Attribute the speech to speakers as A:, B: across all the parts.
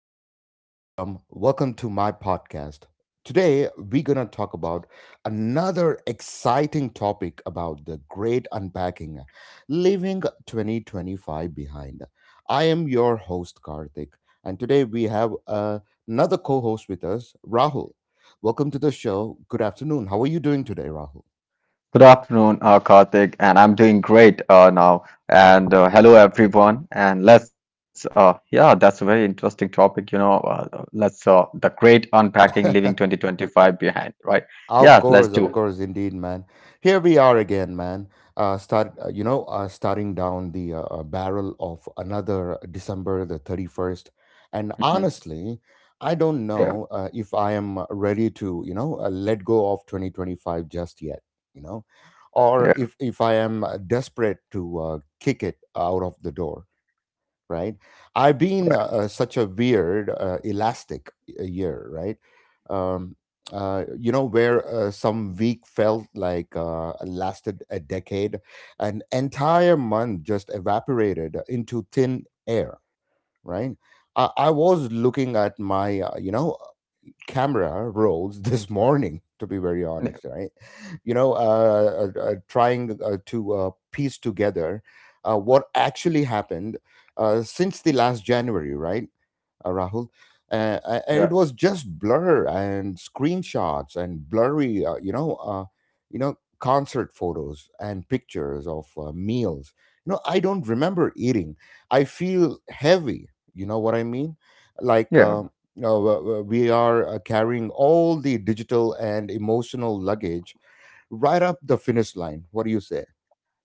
A: wherever you all from. Welcome to my podcast. Today, we're going to talk about another exciting topic about the great unpacking, leaving 2025 behind. I am your host, Karthik, and today we have another co host with us, Rahul. Welcome to the show. Good afternoon. How are you doing today, Rahul?
B: Good afternoon, Karthik, and I'm doing great now. And Hello, everyone. And that's a very interesting topic. You know, let's The great unpacking, leaving 2025 behind, right? Yeah, let's
A: Of
B: do.
A: course, indeed, man. Here we are again, man. Starting down the barrel of another December the 31st. And
B: Mhm.
A: honestly, I don't
B: Yeah,
A: know if I am ready to, let go of 2025 just yet, you know, or
B: yeah,
A: if I am desperate to kick it out of the door, right? I've been
B: right.
A: such a weird, elastic year, right? Um, where some week felt like lasted a decade, an entire month just evaporated into thin air, right? I was looking at my camera rolls this morning, to be very honest, right? Trying to piece together what actually happened since the last January, right, Rahul. And
B: Yeah,
A: it was just blur and screenshots and blurry, concert photos and pictures of meals. You know, I don't remember eating. I feel heavy. You know what I mean?
B: yeah.
A: We are carrying all the digital and emotional luggage right up the finish line. What do you say?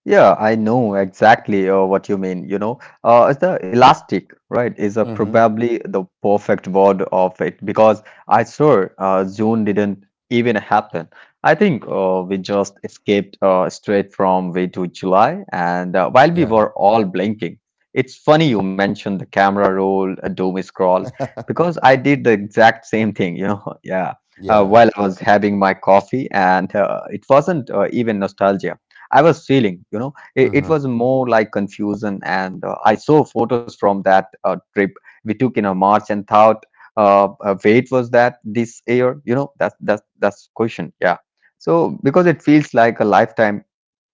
B: Yeah, I know exactly what you mean. It's the elastic, right, is a
A: Mm-hmm.
B: probably the perfect word of it because I swear June didn't even happen. I think we just escaped straight from way to July, and while we
A: Yeah.
B: were all blinking, it's funny you mentioned the camera roll, a doom scroll, because I did the exact same thing. You know, yeah,
A: Yeah.
B: while I was having my coffee, and it wasn't even nostalgia. I was feeling, you know, it
A: Mm-hmm.
B: was more like confusion. And I saw photos from that trip we took in a March and thought, wait, was that this year? You know, that's question. Yeah. So because it feels like a lifetime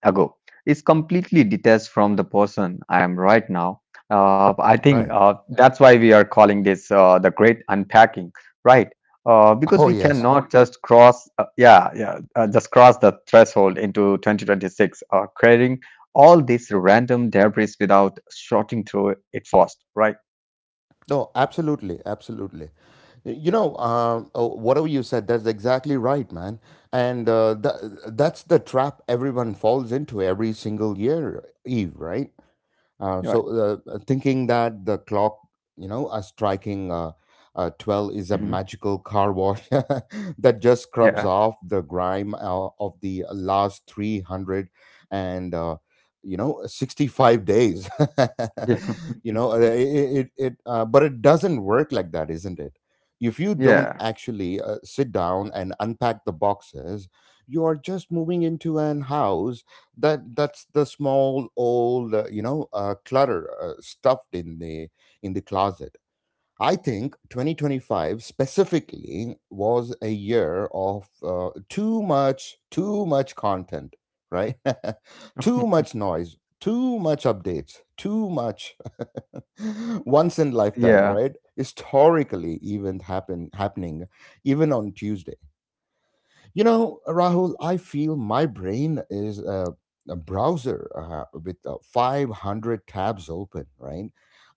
B: ago is completely detached from the person I am right now. I think
A: Right.
B: that's why we are calling this the great unpacking, right? Because
A: Oh
B: we
A: yes.
B: cannot just just cross the threshold into 2026, carrying all this random debris without sorting through it first, right?
A: No, absolutely, absolutely. You know, whatever you said, that's exactly right, man. And that's the trap everyone falls into every single year, Eve, right?
B: Right.
A: Thinking that the clock, you know, a striking 12 is
B: Mhm.
A: a magical car wash that just
B: Yeah.
A: scrubs off the grime of the last 300 and 65 days.
B: Yeah.
A: you know, it, it, it But it doesn't work like that, isn't it? If you don't
B: yeah.
A: actually sit down and unpack the boxes, you are just moving into an house that that's the small old clutter stuffed in the closet. I think 2025 specifically was a year of too much, too much content, right? Too much noise, too much updates, too much once in lifetime,
B: Yeah.
A: right, historically event happening even on Tuesday. You know, Rahul, I feel my brain is a browser with 500 tabs open, right?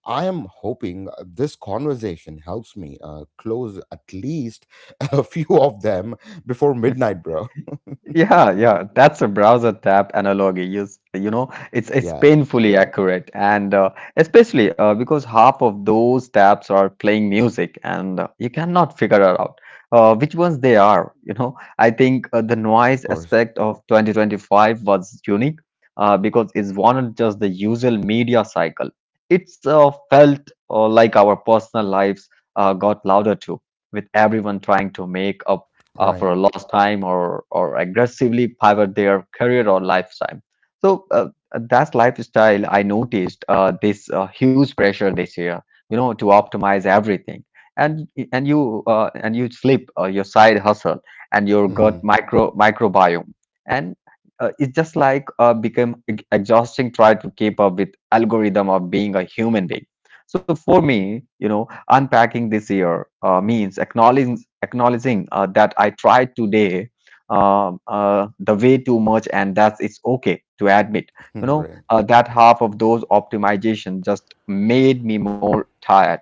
A: I am hoping this conversation helps me close at least a few of them before midnight, bro.
B: Yeah, yeah, that's a browser tab analogy. You know, it's
A: Yeah,
B: painfully accurate, and especially because half of those tabs are playing music, and you cannot figure it out which ones they are. You know, I think the
A: of
B: noise
A: course.
B: aspect of 2025 was unique because it wasn't just the usual media cycle. It's Felt like our personal lives got louder too, with everyone trying to make up for
A: Right.
B: a lost time or aggressively pivot their career or lifestyle. So that's lifestyle. I noticed this huge pressure this year, you know, to optimize everything. And you and you sleep your side hustle and your gut
A: Hmm.
B: microbiome, and it's just like become exhausting try to keep up with algorithm of being a human being. So for me, you know, unpacking this year means acknowledging that I tried today the way too much, and that it's okay to admit. You know
A: Right.
B: that half of those optimization just made me more tired.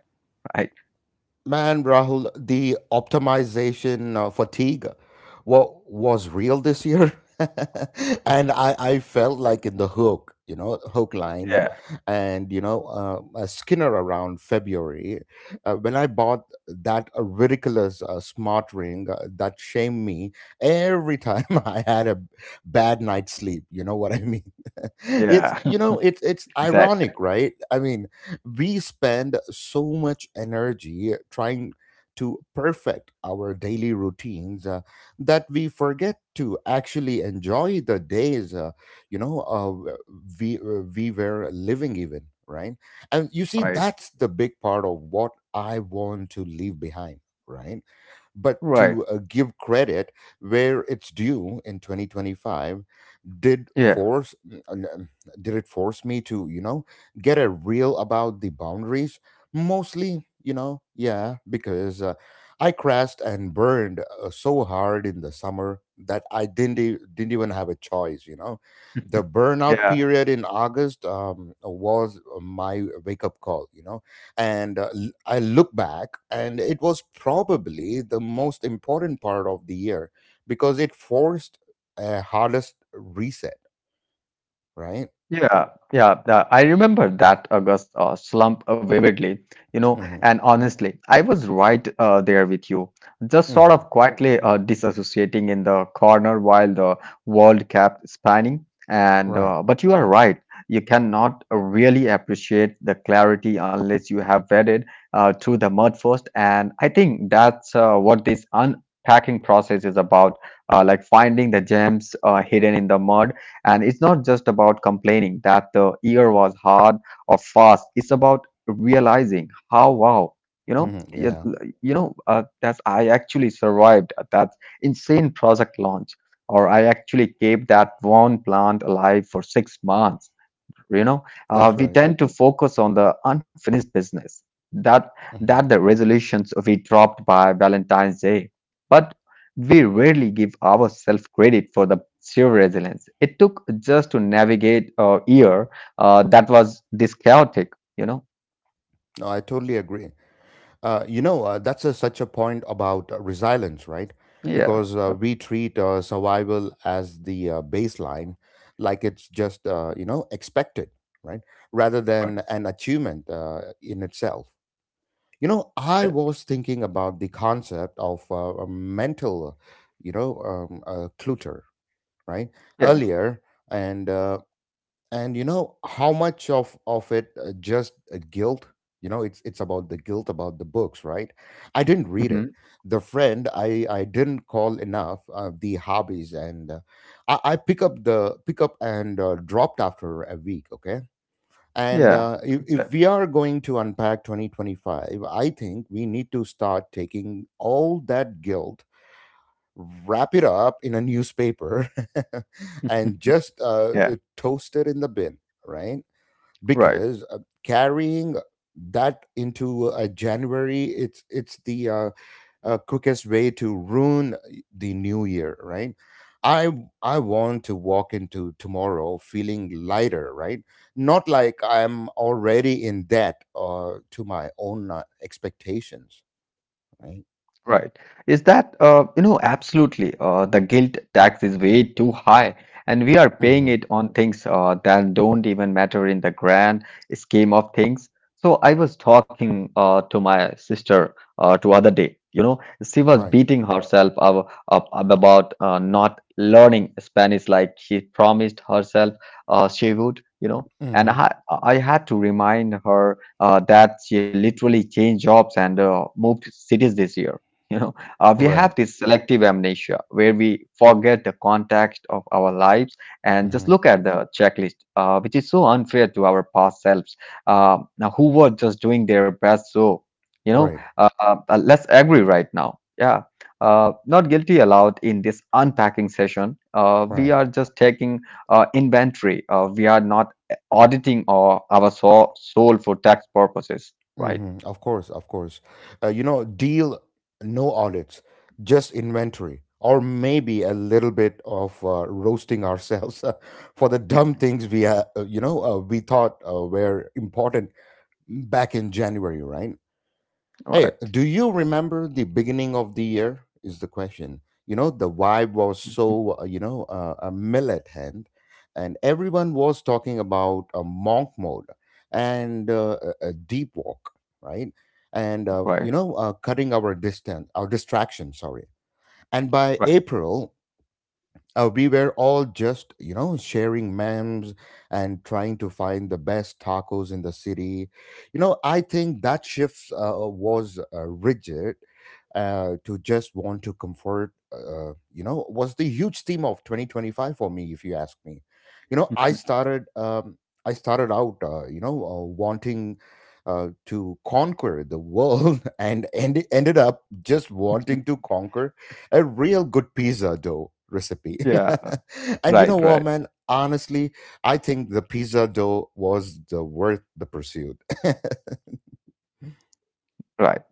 B: Right?
A: Man, Rahul, the optimization fatigue was real this year. And I felt like in the hook, you know, hook line
B: Yeah.
A: and, you know, a Skinner around February. When I bought that ridiculous smart ring that shamed me every time I had a bad night's sleep, you know what I mean? It's,
B: Yeah.
A: you know, it's ironic,
B: exactly.
A: right? I mean, we spend so much energy trying to perfect our daily routines that we forget to actually enjoy the days you know uh, we were living even, right? And you see,
B: Right.
A: that's the big part of what I want to leave behind, right? But
B: Right.
A: to give credit where it's due, in 2025, did
B: Yeah.
A: force did it force me to, you know, get a real about the boundaries, mostly, you know. Yeah, because I crashed and burned so hard in the summer that I didn't didn't even have a choice, you know. The burnout
B: Yeah.
A: period in August, was my wake up call, you know. And I look back and it was probably the most important part of the year, because it forced a hardest reset, right?
B: Yeah, yeah, I remember that August slump vividly, you know,
A: Hmm.
B: and honestly, I was right there with you, just sort
A: Hmm.
B: of quietly disassociating in the corner while the world kept spanning. And
A: Right.
B: But you are right, you cannot really appreciate the clarity unless you have waded through the mud first. And I think that's what this unpacking process is about, like finding the gems hidden in the mud, and it's not just about complaining that the year was hard or fast. It's about realizing how wow, you know,
A: Hmm. Yeah,
B: that's I actually survived that insane project launch, or I actually kept that one plant alive for 6 months. You know,
A: that's
B: we
A: right.
B: tend to focus on the unfinished business, that that
A: Hmm.
B: the resolutions we dropped by Valentine's Day, but we rarely give ourselves credit for the sheer resilience it took just to navigate a year that was this chaotic, you know.
A: No, I totally agree. That's such a point about resilience, right?
B: Yeah,
A: Because
B: okay,
A: we treat survival as the baseline, like it's just, expected, right? Rather
B: all
A: than
B: right,
A: an achievement in itself. You know, I
B: that-
A: was thinking about the concept of a mental clutter, right,
B: yeah,
A: earlier. And and you know how much of it just guilt, you know. It's about the guilt about the books, right, I didn't read
B: mhm,
A: it, the friend I didn't call enough, the hobbies, and I pick up and dropped after a week, okay. And
B: yeah,
A: uh, if,
B: exactly,
A: if we are going to unpack 2025, I think we need to start taking all that guilt, wrap it up in a newspaper and just
B: yeah,
A: toast it in the bin, right?
B: right.
A: Because carrying that into January, it's the quickest way to ruin the new year, right? I I want to walk into tomorrow feeling lighter, right? Not like I'm already in debt to my own expectations, right?
B: Right. Is that, absolutely. The guilt tax is way too high, and we are paying
A: Mm-hmm.
B: it on things that don't even matter in the grand scheme of things. So I was talking to my sister the other day. You know, she was
A: Right.
B: beating herself up about not learning Spanish like she promised herself she would, you know.
A: Mm-hmm.
B: I had to remind her that she literally changed jobs and moved cities this year, you know, we
A: Right.
B: have this selective amnesia where we forget the context of our lives and just
A: Mm-hmm.
B: look at the checklist, which is so unfair to our past selves. Now, who were just doing their best? So,
A: Right,
B: let's agree right now. Yeah, not guilty allowed in this unpacking session. We
A: right.
B: are just taking inventory. We are not auditing our soul for tax purposes, right?
A: Hmm. Of course, of course. You know, deal, no audits, just inventory, or maybe a little bit of roasting ourselves for the dumb things we we thought were important back in January, right? Hey,
B: Right.
A: do you remember the beginning of the year? Is the question. You know, the vibe was so, a millet hand, and everyone was talking about a monk mode and a deep walk, right? And,
B: Right.
A: cutting our distance, our distraction, sorry. And by
B: Right.
A: April, we were all just, you know, sharing memes and trying to find the best tacos in the city, you know. I think that shift was rigid to just want to comfort, was the huge theme of 2025 for me, if you ask me, you know. I started out, wanting to conquer the world and ended up just wanting to conquer a real good pizza dough recipe.
B: Yeah.
A: And you know
B: Right.
A: what,
B: Right.
A: man? Honestly, I think the pizza dough was the worth the pursuit.
B: Right.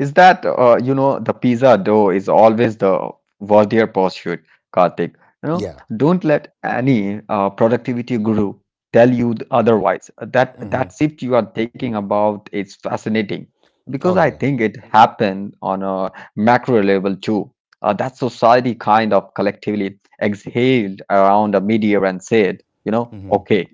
B: Is that you know the pizza dough is always the worthier pursuit, Karthik. You know,
A: Yeah.
B: don't let any productivity guru tell you otherwise. That
A: Hmm.
B: that shift you are taking about is fascinating because
A: Oh
B: I
A: yeah.
B: think it happened on a macro level too. That society kind of collectively exhaled around a media and said, you know,
A: Hmm.
B: okay.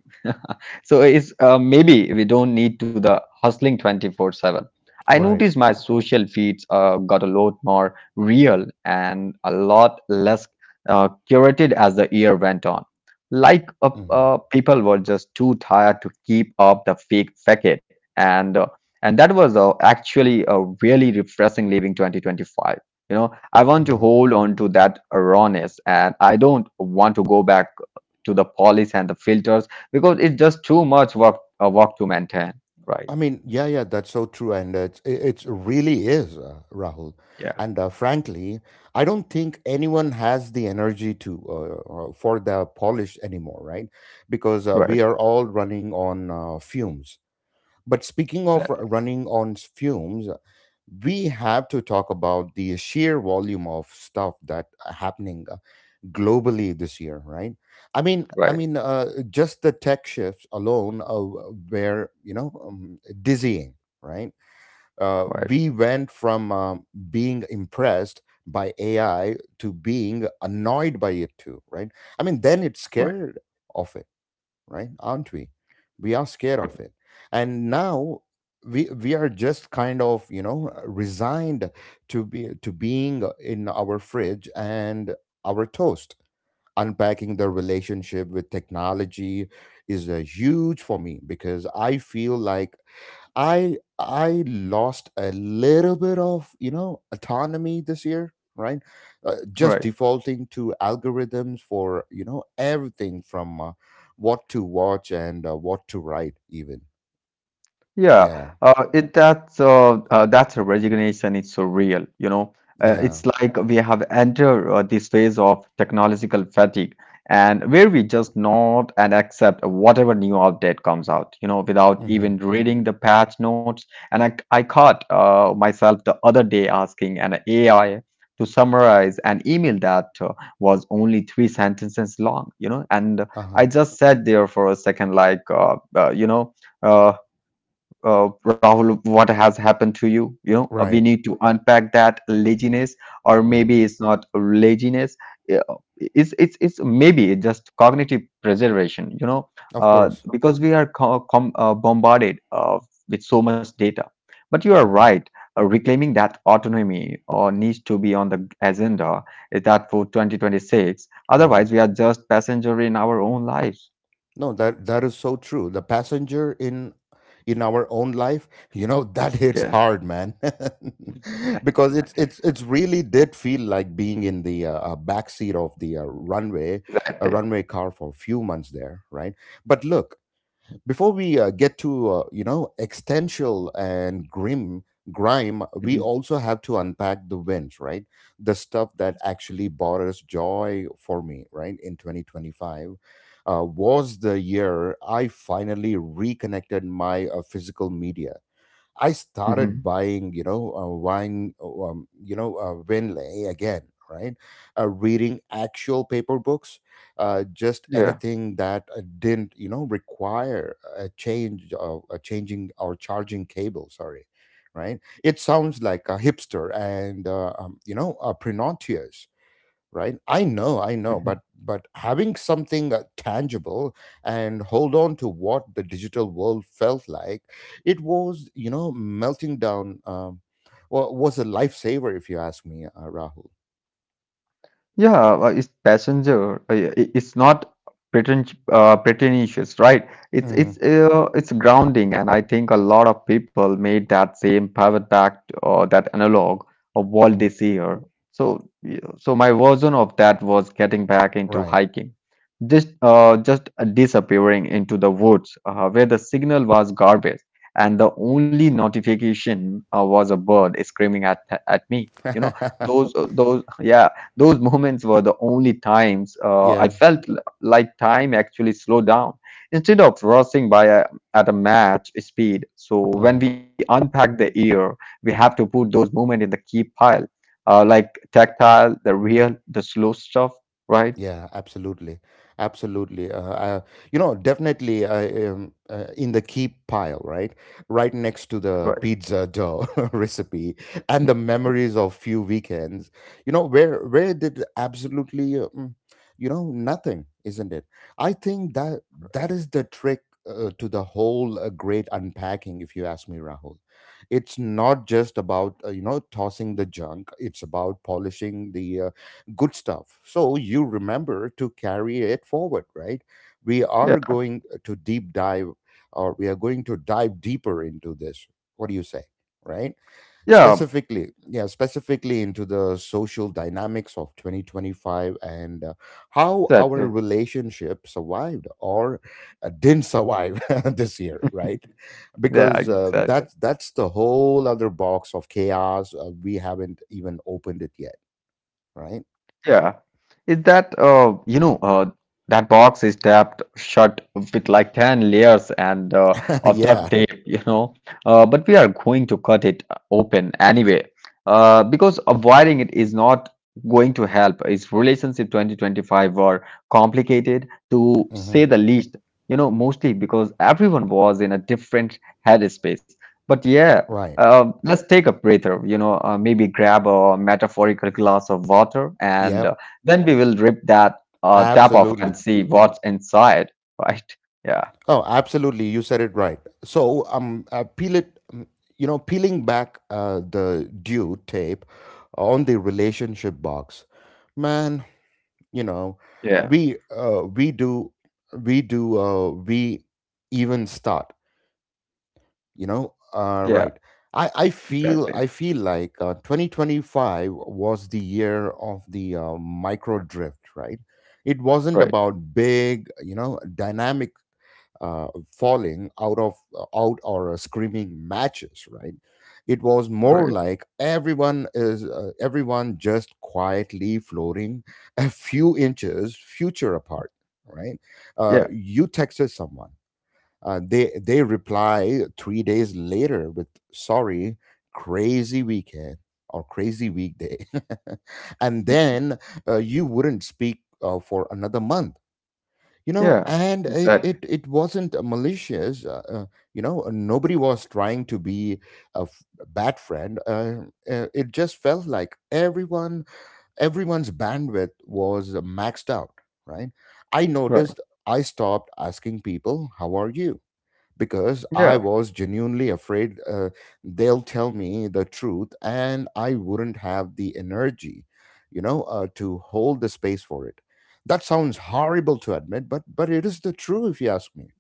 B: So it's maybe we don't need to the hustling 24/7. I
A: Right.
B: noticed my social feeds got a lot more real and a lot less curated as the year went on. Like
A: Hmm.
B: people were just too tired to keep up the fake facade, and uh, and that was actually a really refreshing leaving 2025. You know, I want to
A: Hmm.
B: hold on to that rawness, and I don't want to go back to the polish and the filters because it's just too much work to maintain, right?
A: I mean, yeah, yeah, that's so true, and it's it it's really is, Rahul.
B: Yeah.
A: And frankly, I don't think anyone has the energy to for the polish anymore, right? Because
B: Right.
A: we are all running on fumes. But speaking of
B: Exactly.
A: running on fumes, we have to talk about the sheer volume of stuff that are happening globally this year, right? I
B: Right.
A: mean, just the tech shifts alone were, dizzying, right?
B: Right.
A: We went from being impressed by AI to being annoyed by it too, right? I mean, then it's
B: Right.
A: scared of it, right? Aren't we? We are scared of it. And now we are just kind of, you know, resigned to be to being in our fridge and our toast. Unpacking the relationship with technology is huge for me, because I feel like I lost a little bit of, you know, autonomy this year, right? Just
B: Right.
A: defaulting to algorithms for, you know, everything from what to watch and what to write, even.
B: Yeah,
A: Yeah,
B: it that's a resignation. It's so real, you know.
A: yeah.
B: It's like we have entered this phase of technological fatigue, and where we just nod and accept whatever new update comes out, you know, without
A: Mm-hmm.
B: even reading the patch notes. And I caught myself the other day asking an AI to summarize an email that was only three sentences long, you know, and
A: Uh huh.
B: I just sat there for a second, like Uh, Rahul, what has happened to you. You know, we
A: Right.
B: need to unpack that laziness, or
A: Mm-hmm.
B: maybe it's not laziness. uh, It's it's maybe just cognitive preservation. You know,
A: Of course.
B: because we are bombarded with so much data. But you are
A: Mm-hmm.
B: right. Reclaiming that autonomy or needs to be on the agenda is that for 2026.
A: Mm-hmm.
B: Otherwise, we are just passenger in our own lives.
A: No, that that is so true. The passenger in our own life, you know, that
B: Yeah,
A: hits hard, man, because it's really did feel like being in the back seat of the runway, a
B: exactly.
A: runway car for a few months there, right? But look, before we get to, existential and grime, we
B: Hmm.
A: also have to unpack the wins, right? The stuff that actually brought us joy for me, right? In 2025, was the year I finally reconnected my physical media. I
B: Hmm.
A: started buying, you know, Winley again, right? Reading actual paper books, just
B: Yeah.
A: anything that didn't, you know, require a change, of a changing or charging cable. Sorry, right? It sounds like a hipster and prenutious, right? I know, I know,
B: Mm-hmm.
A: but having something tangible and hold on to what the digital world felt like, it was, you know, melting down. Was a lifesaver, if you ask me, Rahul.
B: Yeah, it's passenger. It's not preten pretentious, right? It's
A: Hmm.
B: it's grounding, and I think a lot of people made that same pivot back to- or that analog of what they see here. So my version of that was getting back into
A: Right.
B: hiking, just disappearing into the woods where the signal was garbage, and the only notification was a bird screaming at me. You know those. Yeah, those moments were the only times I
A: Yeah.
B: felt like time actually slowed down instead of at a match speed. So when
A: Mm-hmm.
B: we unpack the year, we have to put those moments in the key pile, like tactile, the real, the slow stuff, right?
A: Yeah, absolutely, absolutely. Definitely, in the keep pile, right, right next to the
B: Right.
A: pizza dough recipe and the memories of few weekends. Where did absolutely, nothing, isn't it? I think that that is the trick to the whole great unpacking. If you ask me, Rahul, it's not just about tossing the junk. It's about polishing the good stuff. So you remember to carry it forward, right? We are
B: Yeah.
A: going to deep dive, or we are going to dive deeper into this. What do you say? Right?
B: Yeah.
A: Specifically, yeah, specifically into the social dynamics of 2025, and how our
B: Exactly.
A: relationship survived, or didn't survive this year, right?
B: Yeah.
A: Because uh,
B: Exactly.
A: that's that's the whole other box of chaos. We haven't even opened it yet, right?
B: Yeah. Is that you know that box is tapped shut with like 10 layers and of
A: Yeah.
B: duct tape, you know. But we are going to cut it open anyway. Because avoiding it is not going to help. Is relationship 2025 were complicated to
A: Mm-hmm.
B: say the least, you know, mostly because everyone was in a different headspace. But yeah,
A: Right.
B: let's take a breather, you know, maybe grab a metaphorical glass of water, and
A: Yep.
B: then we will rip that tap off and
A: Absolutely.
B: see what's inside, right? Yeah,
A: Oh, absolutely. You said it right. So, peel it. Peeling back the due tape on the relationship box, man. You know,
B: yeah,
A: we uh, we do we even start. you know uh,
B: yeah,
A: right i i feel
B: exactly.
A: i feel like 2025 was the year of the micro drift, right. It wasn't
B: Right,
A: about big dynamic, falling out of out or screaming matches, right. It was more
B: right.
A: like everyone just quietly floating a few inches future apart, right. uh,
B: Yeah,
A: you texted someone, they reply 3 days later with, "Sorry, crazy weekend or crazy weekday," and
B: mm,
A: then you wouldn't speak for another month. You know,
B: yeah,
A: and it
B: exactly.
A: it it wasn't malicious. Nobody was trying to be a bad friend. It just felt like everyone's bandwidth was maxed out. Right? I
B: Right.
A: noticed I stopped asking people, "How are you?" because I
B: Yeah.
A: was genuinely afraid they'll tell me the truth and I wouldn't have the energy, to hold the space for it. That sounds horrible to admit, but it is the truth if you ask me.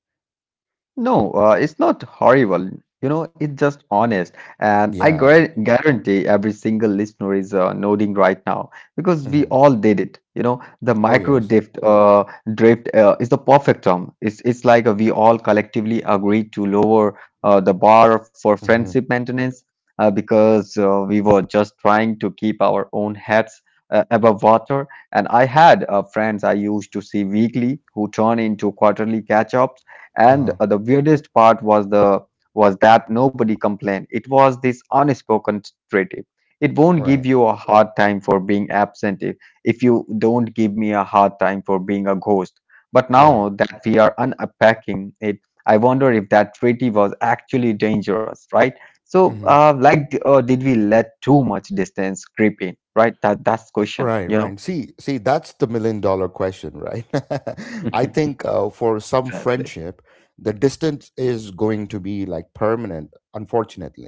B: No, it's not horrible. You know, it's just honest. And
A: Yeah.
B: guarantee every single listener is nodding right now because we
A: Hmm.
B: all did it. You know, the
A: Oh,
B: micro
A: yes.
B: drift, is the perfect term. It's like we all collectively agreed to lower the bar for
A: Hmm.
B: friendship maintenance because we were just trying to keep our own heads above water. And I had friends I used to see weekly who turn into quarterly catch-ups and
A: Uh-huh.
B: the weirdest part was the was that nobody complained. It was this unspoken treaty. It won't
A: Right.
B: give you a hard time for being absent if you don't give me a hard time for being a ghost. But
A: Right.
B: now that we are unpacking it, I wonder if that treaty was actually dangerous, right? So,
A: Hmm.
B: like, did we let too much distance creep in, right? That's question,
A: Right, right. See, see, that's the million dollar question, right? I think for some
B: Exactly.
A: friendship, the distance is going to be like permanent, unfortunately.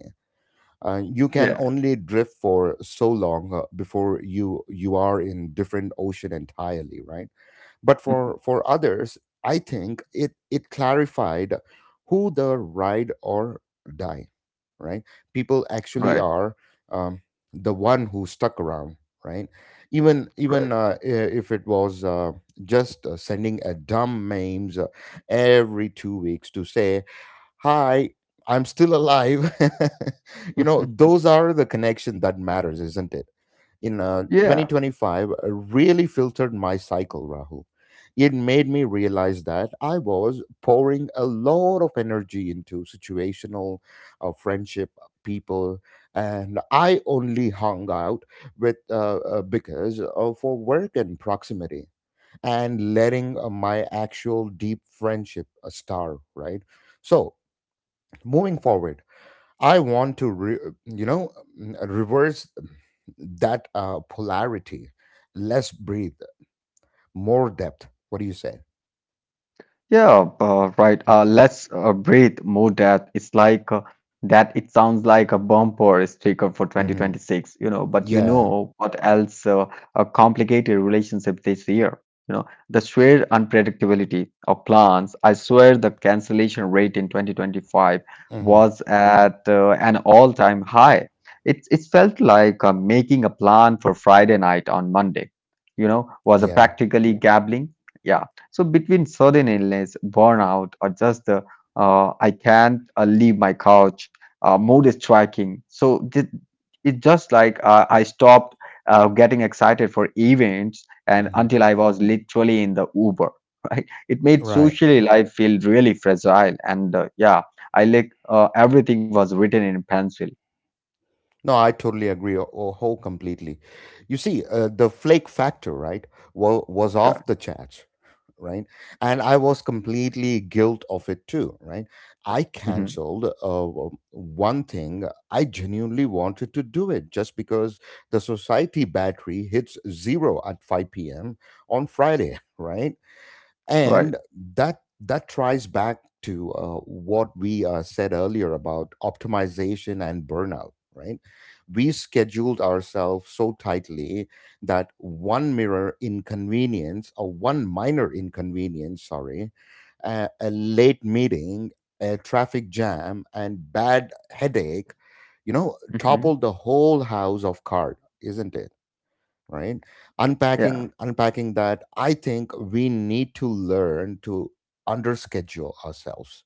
A: You can
B: Yeah.
A: only drift for so long before you are in different ocean entirely, right. But for others, I think it clarified who the ride or die, right, people actually
B: Right.
A: are. Um, the one who stuck around, right, even even
B: Right.
A: uh, i- if it was just sending a dumb memes every 2 weeks to say, "Hi, I'm still alive." you know those are the connection that matters, isn't it? In
B: Yeah.
A: 2025 really filtered my cycle, Rahul. It made me realize that I was pouring a lot of energy into situational friendship people, and I only hung out with, because, for work and proximity, and letting my actual deep friendship star, right. So moving forward, I want to re, you know mm, reverse that polarity. Less breathe, more depth. What do you say?
B: Yeah, right. Let's breathe more death. It's like that. It sounds like a bumper sticker for
A: Hmm.
B: 2026, you know. But you
A: Yeah.
B: know what else? A complicated relationship this year. You know, the sheer unpredictability of plans. I swear the cancellation rate in 2025
A: Hmm.
B: was at an all-time high. It felt like making a plan for Friday night on Monday, you know, was a
A: Yeah.
B: practically gambling. Yeah. So between sudden illness, burnout, or just the I can't leave my couch, mood is striking. It's just like I stopped getting excited for events, and
A: Hmm.
B: until I was literally in the Uber. Right? It made
A: Right.
B: socially life feel really fragile, and I like everything was written in pencil.
A: No, I totally agree, or, whole completely. You see the flake factor, right, wa was
B: Yeah.
A: off the charts, right. And I was completely guilt of it too, right. I
B: Hmm.
A: canceled one thing I genuinely wanted to do, it just because the society battery hits zero at 5 p.m. on Friday. Right.
B: Right.
A: And that tries back to what we said earlier about optimization and burnout, right. We scheduled ourselves so tightly that one mirror inconvenience, or one minor inconvenience, sorry, a, late meeting, a traffic jam, and bad headache,
B: Hmm.
A: toppled the whole house of card, isn't it? Right. unpacking
B: Yeah.
A: unpacking that, I think we need to learn to underschedule ourselves,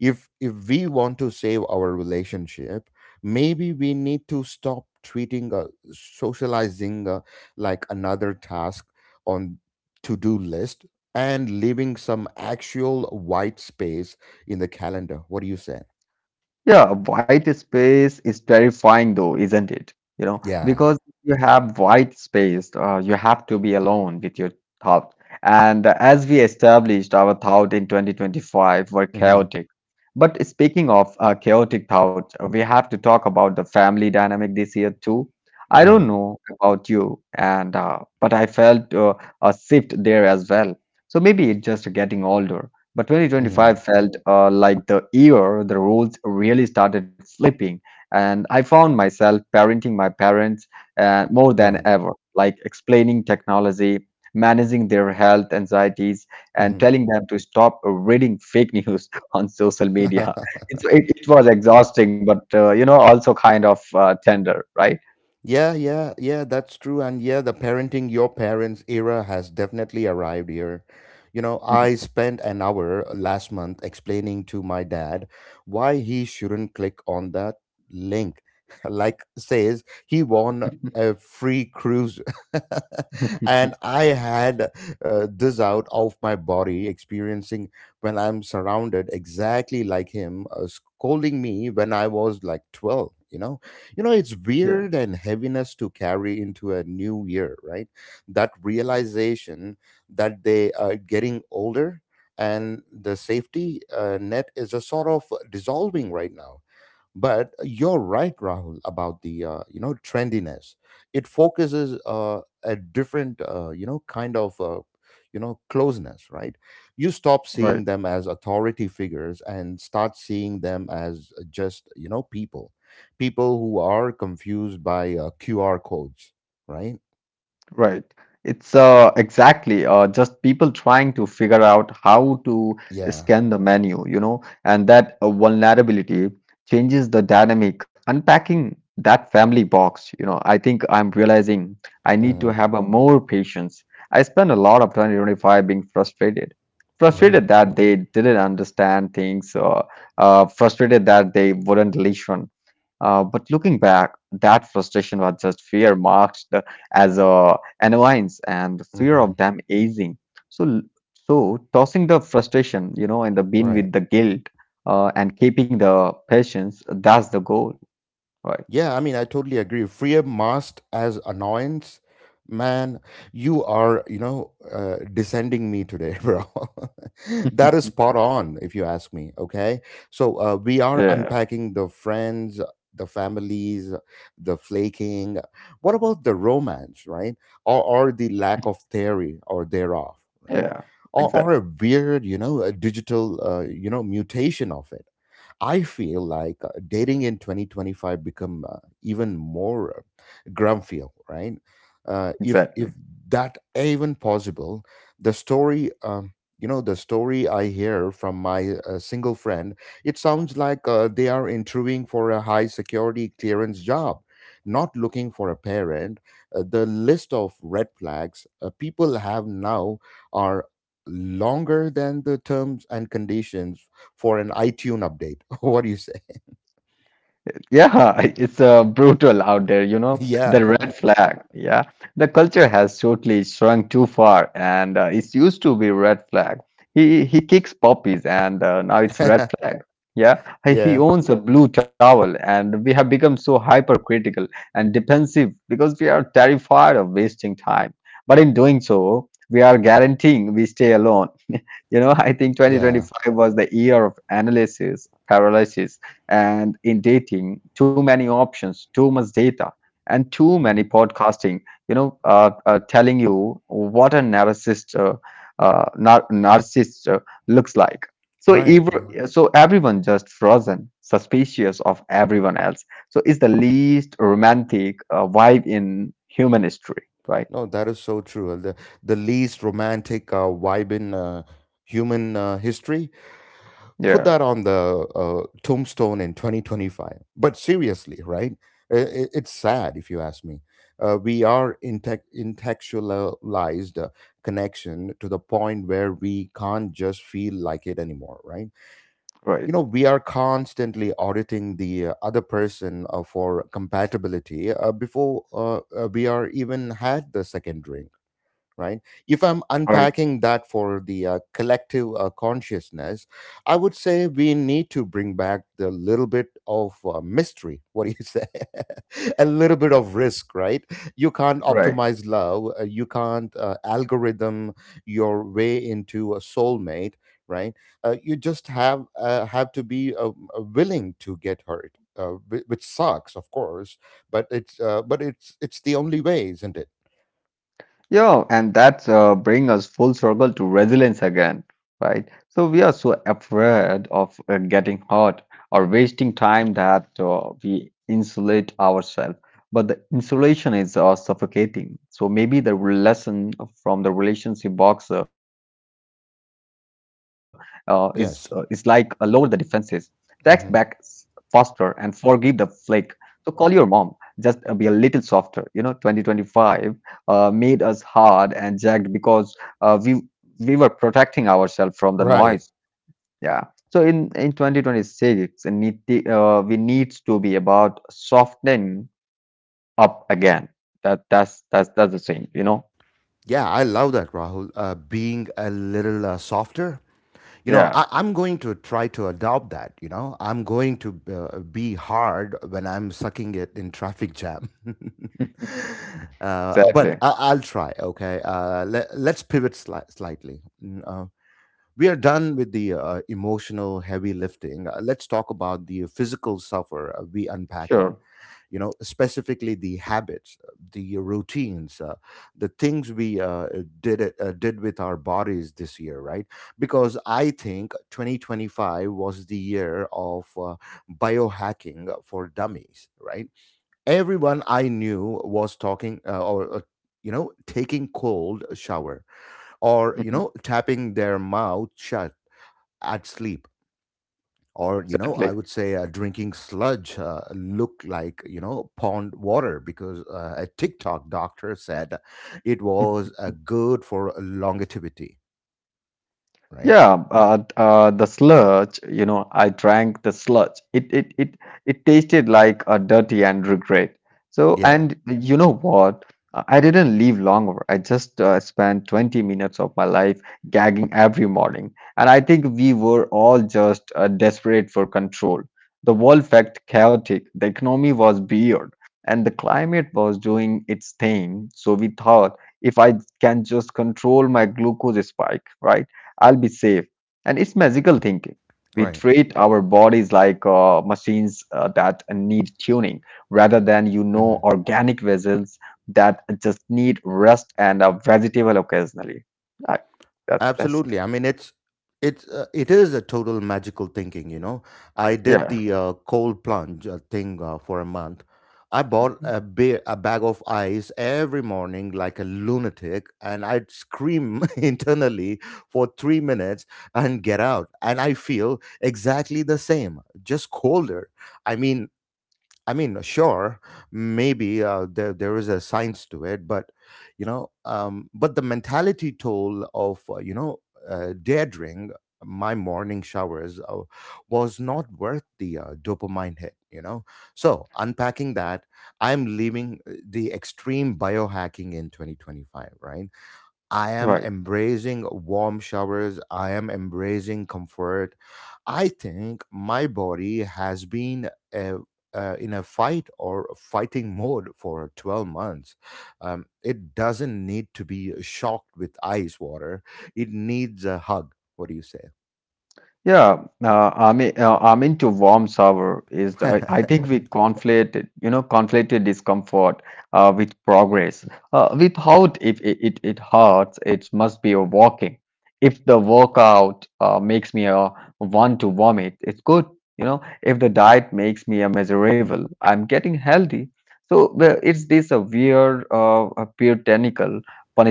A: if we want to save our relationship. Maybe we need to stop treating socializing like another task on to-do list, and leaving some actual white space in the calendar. What do you say?
B: Yeah, white space is terrifying though, isn't it? You know,
A: Yeah.
B: because if you have white space, you have to be alone with your thought. And as we established, our thought in 2025 were
A: Hmm.
B: chaotic. But speaking of chaotic thought, we have to talk about the family dynamic this year too. I don't
A: Right.
B: know about you, and but I felt a shift there as well. So maybe it's just getting older. But
A: Hmm.
B: 2025 felt like the year the roles really started flipping, and I found myself parenting my parents more than
A: Right.
B: ever, like explaining technology, managing their health anxieties, and
A: Hmm.
B: telling them to stop reading fake news on social media. It was
A: Yeah.
B: exhausting, but you know, also kind of tender, right?
A: Yeah, yeah, yeah, that's true. And yeah, the parenting your parents era has definitely arrived here. You know, I spent an hour last month explaining to my dad why he shouldn't click on that link. Like says he won a free cruise. And I had this out of my body experiencing when I'm surrounded exactly like him, scolding me when I was like 12, you know? You know, it's
B: Yeah,
A: weird and heaviness to carry into a new year, right? That realization that they are getting older, and the safety net is a sort of dissolving right now. But you're right, Rahul, about the trendiness. It focuses a different kind of closeness, right. You stop seeing
B: right.
A: them as authority figures, and start seeing them as just people, people who are confused by qr codes, right.
B: Right. It's exactly just people trying to figure out how to
A: Yeah.
B: scan the menu, you know, and that vulnerability changes the dynamic. Unpacking that family box, you know, I think I'm realizing I need to
A: Mhm.
B: have a more patience. I spent a lot of 2025 being frustrated,
A: Right.
B: frustrated that they didn't understand things, frustrated that they wouldn't listen. But looking back, that frustration was just fear marked as a annoyance and fear
A: Hmm.
B: of them aging. So, so, tossing the frustration, you know, in the bin
A: Right.
B: with the guilt, and keeping the patience, that's the goal, right?
A: Yeah, I mean, I totally agree. Free masked as annoyance. Man, you are, descending me today, bro. That is spot on, if you ask me. Okay. So we are
B: Yeah,
A: unpacking the friends, the families, the flaking. What about the romance, right? Or the lack of theory or thereof, right?
B: yeah,
A: Or
B: exactly,
A: a weird, a digital, mutation of it. I feel like dating in 2025 become even more grumfiel, right? Uh, if
B: exactly.
A: if that even possible, the story, um, the story I hear from my single friend, it sounds like they are interviewing for a high security clearance job, not looking for a parent. The list of red flags people have now are longer than the terms and conditions for an iTunes update. What do you say?
B: Yeah, it's brutal out there, you know, the
A: Yeah.
B: red flag. Yeah, the culture has totally shrunk too far, and it used to be red flag. He kicks puppies, and now it's red flag. Yeah, he
A: Yeah.
B: he owns a blue towel, and we have become so hypercritical and defensive because we are terrified of wasting time. But in doing so, we are guaranteeing we stay alone. You know, I think
A: Yeah.
B: 2025 was the year of analysis paralysis, and in dating too many options, too much data, and too many
A: Mhm.
B: podcasting, you know, telling you what a narcissist narcissist looks like. so
A: Right,
B: ever,
A: right.
B: so everyone just frozen suspicious of everyone else, so it's the least romantic vibe in human history, right?
A: No, that is so true. The least romantic vibe in human history. Put
B: Yeah.
A: that on the tombstone in 2025. But seriously, right? It's sad if you ask me. We are intellectualized connection to the point where we can't just feel like it anymore, right?
B: Right.
A: We are constantly auditing the other person for compatibility before we are even had the second drink, right. If I'm
B: Right.
A: unpacking that for the collective consciousness, I would say we need to bring back the little bit of mystery. What do you say? A little bit of risk, right. You can't
B: Right.
A: optimize love, you can't algorithm your way into a soulmate, right. You just have to be willing to get hurt, which sucks, of course, but it's the only way, isn't it?
B: Yeah, and that's bring us full circle to resilience again, right? So we are so afraid of getting hurt or wasting time that we insulate ourselves. But the insulation is suffocating. So maybe the lesson from the relationship box, is like lower the defenses,
A: Yes.
B: text back faster, and
A: Hmm.
B: forgive the flake. So call your mom. Just be a little softer. You know, 2025 made us hard and jagged because uh, we we were protecting ourselves from the
A: Right.
B: noise. Yeah. So in 2026, it need we needs to be about softening up again. That's the thing, you know.
A: Yeah, I love that, Rahul. Being a little softer. You know,
B: Yeah.
A: I'm going to try to adopt that. You know, I'm going to be hard when I'm sucking it in traffic jam. But
B: Exactly.
A: I'll try. Okay. Let's pivot slightly. We are done with the emotional heavy lifting, let's talk about the physical suffer we unpacking.
B: Sure.
A: Specifically the habits, the routines, the things we did with our bodies this year, right. Because I think 2025 was the year of biohacking for dummies, right. Everyone I knew was talking, or taking cold shower, or
B: Mhm.
A: tapping their mouth shut at sleep, or I
B: Exactly.
A: would say drinking sludge look like pond water, because a TikTok doctor said it was good for longevity, right.
B: Yeah, the sludge, you know, I drank the sludge. It tasted like a dirty and regret. So,
A: Yeah.
B: and you know what? I didn't leave longer. I just spent 20 minutes of my life gagging every morning. And I think we were all just desperate for control. The world felt chaotic. The economy was weird. And the climate was doing its thing. So we thought, if I can just control my glucose spike, right? I'll be safe. And it's magical thinking. We
A: Right.
B: treat our bodies like machines that need tuning rather than, you know,
A: Hmm.
B: organic vessels that just need rest and a vegetable occasionally. Right. That's, that's,
A: Absolutely. I mean, it is a total magical thinking. You know, I did
B: yeah.
A: the cold plunge thing for a month. I bought
B: Mhm.
A: a bag of ice every morning like a lunatic, and I'd scream internally for 3 minutes and get out. And I feel exactly the same, just colder. I mean, sure, maybe there is a science to it, but but the mentality toll of daring my morning showers was not worth the dopamine hit. You know, so unpacking that, I'm leaving the extreme biohacking in 2025, right? I am
B: Right.
A: embracing warm showers. I am embracing comfort. I think my body has been uh in a fight or fighting mode for 12 months. It doesn't need to be shocked with ice water, it needs a hug. What do you say?
B: Yeah, I mean, I'm into warm shower is I think we conflated discomfort with progress. Without If it hurts, it must be a walking. If the workout makes me want to vomit, it's good. You know, if the diet makes me a miserable, I'm getting healthy. So well, it's this weird, puritanical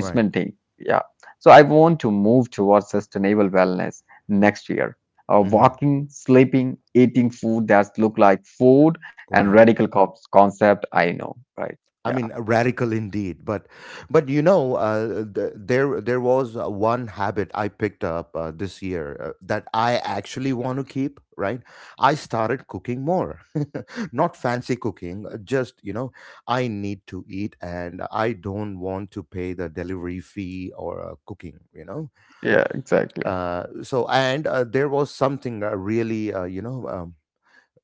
A: Right.
B: thing. Yeah. So I want to move towards sustainable wellness next year,
A: Hmm.
B: walking, sleeping, eating food that look like food, and
A: Right.
B: radical concept I know, right?
A: I
B: Yeah.
A: mean, radical indeed. But you know, th- there was one habit I picked up this year that I actually want to keep. Right, I started cooking more, not fancy cooking. Just I need to eat, and I don't want to pay the delivery fee or cooking. You know,
B: Yeah, exactly.
A: so and there was something really, you know.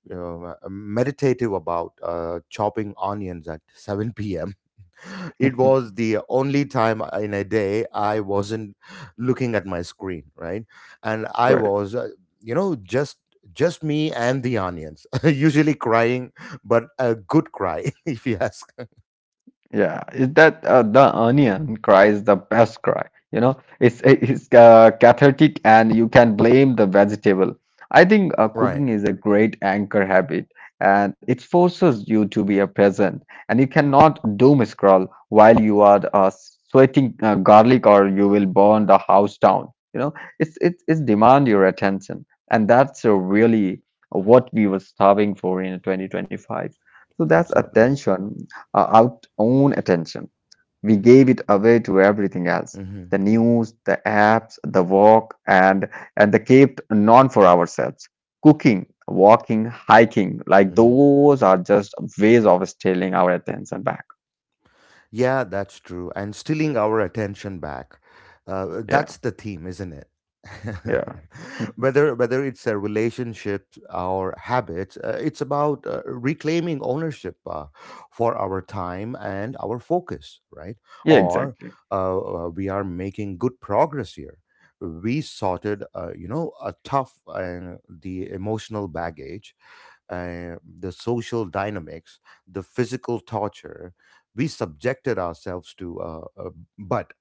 A: You know, meditative about chopping onions at 7 p.m. It was the only time in a day I wasn't looking at my screen, right? And I
B: Right.
A: was, uh, you know, just just me and the onions, usually crying, but a good cry, if you ask.
B: Yeah, is that the onion cry is the best cry. You know, it's cathartic, and you can blame the vegetable. I think
A: Right.
B: cooking is a great anchor habit, and it forces you to be a present, and you cannot doom scroll while you are sweating garlic, or you will burn the house down. You know, it's demand your attention, and that's really what we were starving for in 2025. So that's
A: Absolutely.
B: attention, our own attention. We gave it away to everything else, the
A: Hmm.
B: news, the apps, the walk, and the kept none for ourselves. Cooking, walking, hiking, like
A: Hmm.
B: those are just ways of stealing our attention back.
A: Yeah, that's true. And stealing our attention back.
B: Yeah,
A: That's the theme, isn't it?
B: yeah,
A: Whether it's a relationship or habits, it's about reclaiming ownership for our time and our focus, right?
B: yeah,
A: Or
B: exactly.
A: uh, we are making good progress here. We sorted, a tough and the emotional baggage, the social dynamics, the physical torture we subjected ourselves to. But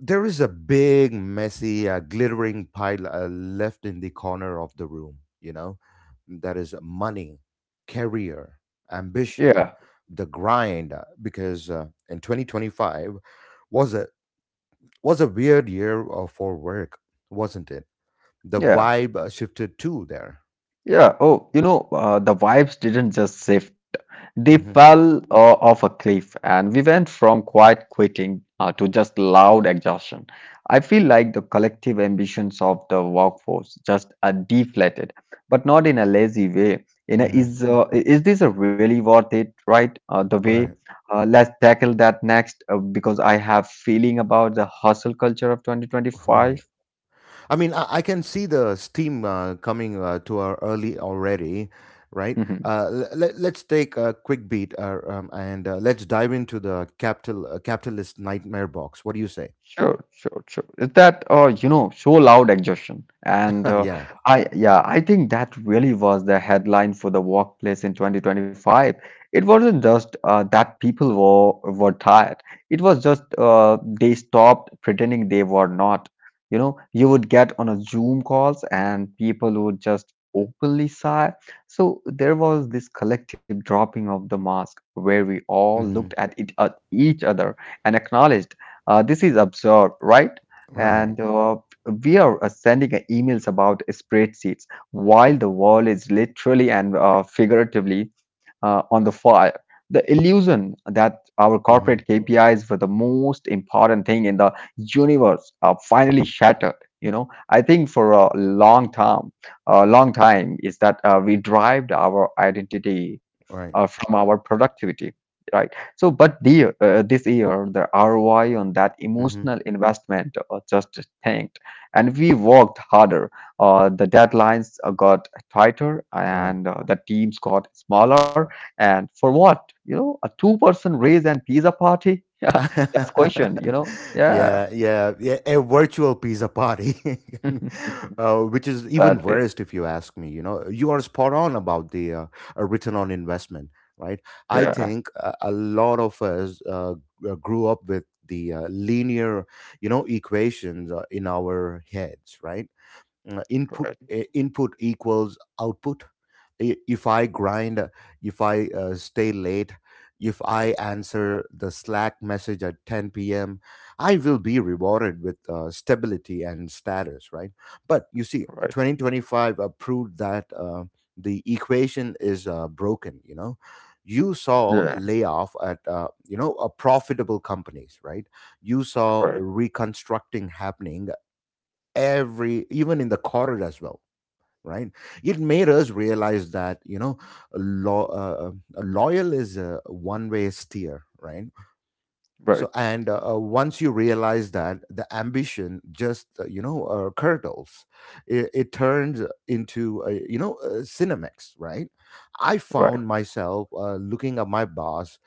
A: there is a big, messy, glittering pile left in the corner of the room, you know, that is money, career, ambition,
B: Yeah,
A: the grind, because in 2025 was a was a weird year for work, wasn't it? The
B: yeah.
A: vibe shifted too there.
B: Yeah. Oh, you know, the vibes didn't just shift. They
A: Mm-hmm,
B: fell off a cliff, and we went from quiet quitting to just loud exhaustion. I feel like the collective ambitions of the workforce just are deflated, but not in a lazy way. You know,
A: mm-hmm.
B: is this a really worth it? Right? The way.
A: Right,
B: Let's tackle that next because I have feeling about the hustle culture of 2025.
A: right. I mean, I can see the steam coming to our early already, right? Uh, let's take a quick beat and let's dive into the capitalist nightmare box. What do you say?
B: Sure, sure, sure. Is that you know, so loud exhaustion, and
A: yeah.
B: I yeah, I think that really was the headline for the workplace in 2025. It wasn't just that people were tired; it was just they stopped pretending they were not. You know, you would get on a Zoom calls, and people would just openly sigh. So there was this collective dropping of the mask, where we all looked
A: Hmm.
B: at it at each other and acknowledged, this is observed, right?
A: Right.
B: And we are sending emails about spreadsheets while the world is literally and figuratively on the fire. The illusion that our
A: Hmm.
B: corporate KPIs were the most important thing in the universe are finally shattered. You know, I think for a long time is that we derived our identity
A: Right.
B: from our productivity, right? So, but this year, the ROI on that
A: Hmm.
B: emotional investment just tanked, and we worked harder. The deadlines got tighter,
A: Right.
B: and the teams got smaller. And for what? You know, a two-person raise and pizza party? Yeah, that's question. You know, yeah,
A: yeah, yeah, yeah, a virtual pizza party, which is even worse
B: sadly,
A: if you ask me. You know, you are spot on about the return on investment, right? I
B: yeah,
A: think a lot of us grew up with the linear, you know, equations in our heads, right? uh, input
B: right,
A: uh, input equals output. If I grind, if I stay late, if I answer the slack message at 10 p.m., I will be rewarded with stability and status, right? But you see,
B: right,
A: 2025 proved that the equation is broken, you know. You saw
B: yeah,
A: layoff at profitable companies, right? You saw
B: right,
A: reconstructing happening every even in the corridor as well, right? It made us realize that, you know, lo- uh, loyal is a one way steer, right?
B: right,
A: So, and once you realize that, the ambition just curdles. It turns into cinemex, right? I
B: right,
A: found myself looking at my boss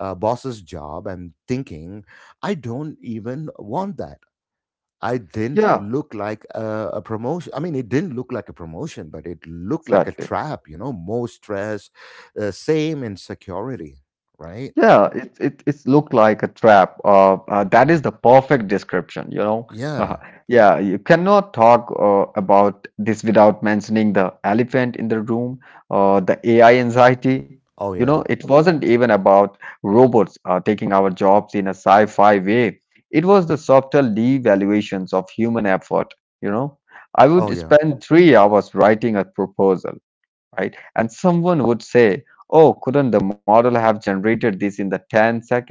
A: uh, boss's job and thinking I don't even want that. I didn't
B: yeah,
A: look like a promotion. I mean, it didn't look like a promotion, but it looked like a
B: exactly.
A: trap, you know, more stress, same insecurity, right?
B: Yeah, it's looked like a trap. That is the perfect description, you know.
A: Yeah.
B: Yeah, you cannot talk about this without mentioning the elephant in the room, the AI anxiety.
A: Oh,
B: You know,
A: yeah.
B: it wasn't even about robots taking our jobs in a sci-fi way. It was the subtle devaluations of human effort, you know. I
A: Oh,
B: would
A: yeah.
B: spend 3 hours writing a proposal, right? And someone would say, oh, couldn't the model have generated this in the 10 seconds?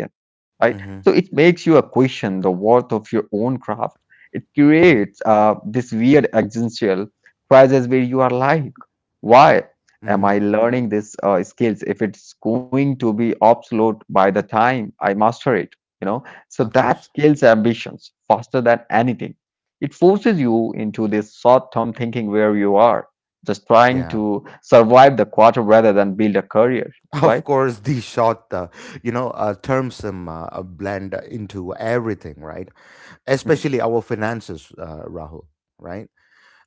B: Right?
A: Mm-hmm.
B: So it makes you a question the worth of your own craft. It
A: Right.
B: creates this weird existential crisis where you are like, why am
A: Mm-hmm.
B: I learning this skills if it's going to be obsolete by the time I master it? You know, so
A: Of
B: that
A: course.
B: scales ambitions faster than anything. It forces you into this short-term thinking where you are just trying
A: Yeah.
B: to survive the quarter rather than build a career,
A: Of
B: right?
A: course, the short, you know, terms blend into everything, right? Especially our finances, Rahul, right?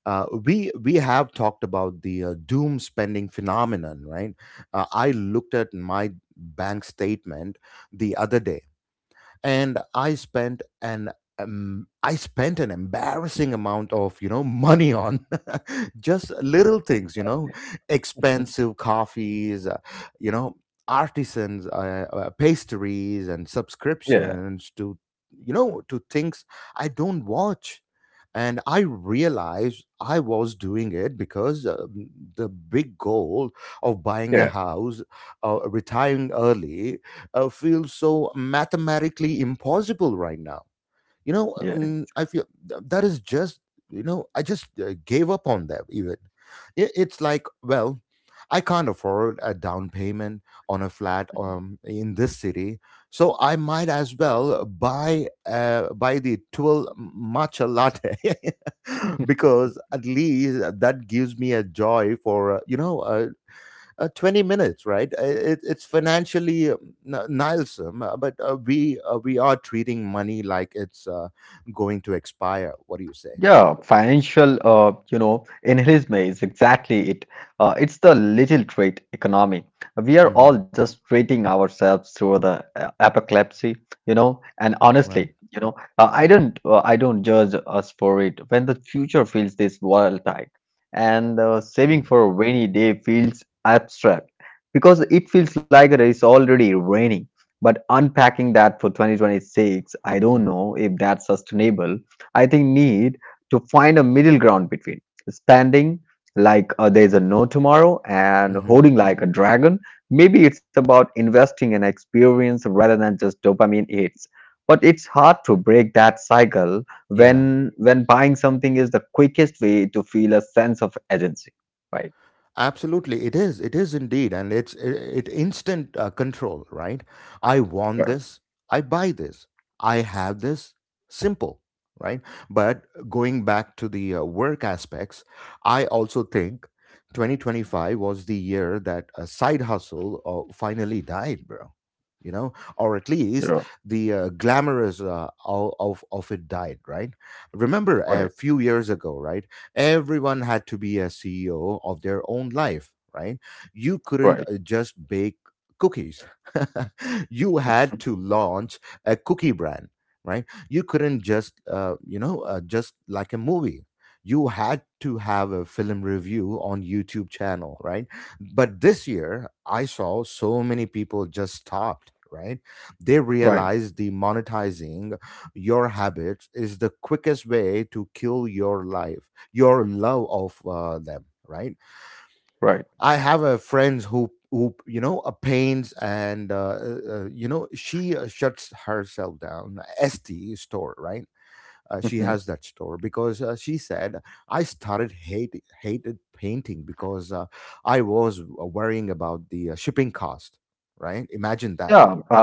A: We have talked about the doom spending phenomenon, right? I looked at my bank statement the other day, and I spent an embarrassing amount of, you know, money on just little things, you know,
B: Mhm.
A: expensive coffees, you know, artisans, pastries, and
B: Yeah,
A: subscriptions to, you know, to things I don't watch. And I realized I was doing it because, the big goal of buying a
B: yeah.
A: house, retiring early, feels so mathematically impossible right now, you know.
B: Yeah.
A: That is just, you know, I just gave up on that even. It's like, well, I can't afford a down payment on a flat in this city, so I might as well buy the 12 matcha latte because at least that gives me a joy for 20 minutes, right? It's financially nihilism, but we are treating money like it's going to expire. What do you say?
B: Yeah, financial, you know, inheritance is exactly it. It's the little trade economy. We are all
A: Hmm.
B: just treating ourselves through the apocalypse, you know. And
A: Right.
B: honestly, you know, I don't judge us for it. When the future feels this volatile, and saving
A: Mm.
B: for a rainy day feels abstract because it feels like it is already raining. But unpacking that for 2026, I don't
A: Mm-hmm.
B: know if that's sustainable. I think need to find a middle ground between spending like there's a no tomorrow and
A: Hmm.
B: hoarding like a dragon. Maybe it's about investing in experience rather than just dopamine hits. But it's hard to break that cycle
A: Yeah.
B: when buying something is the quickest way to feel a sense of agency, right?
A: Absolutely, it is. It is indeed, and it's it, it instant control, right? I want
B: Right.
A: this. I buy this. I have this. Simple, right? But going back to the work aspects, I also think 2025 was the year that a side hustle finally died, bro. You know, or at
B: Yeah.
A: least the glamorous of it died, right? Remember
B: Right.
A: a few years ago, right? Everyone had to be a CEO of their own life, right? You couldn't
B: Right.
A: just bake cookies. You had to launch a cookie brand, right? You couldn't just, just like a movie. You had to have a film review on YouTube channel, right? But this year, I saw so many people just stopped, right? They
B: Right.
A: realized the monetizing your habits is the quickest way to kill your life, your love of them, right?
B: Right.
A: I have a friends who, you know, paints and, you know, she shuts herself down st store, right? Uh, she
B: Hmm.
A: has that store because she said, I started hated painting because I was worrying about the shipping cost, right? Imagine that.
B: Yeah. Uh,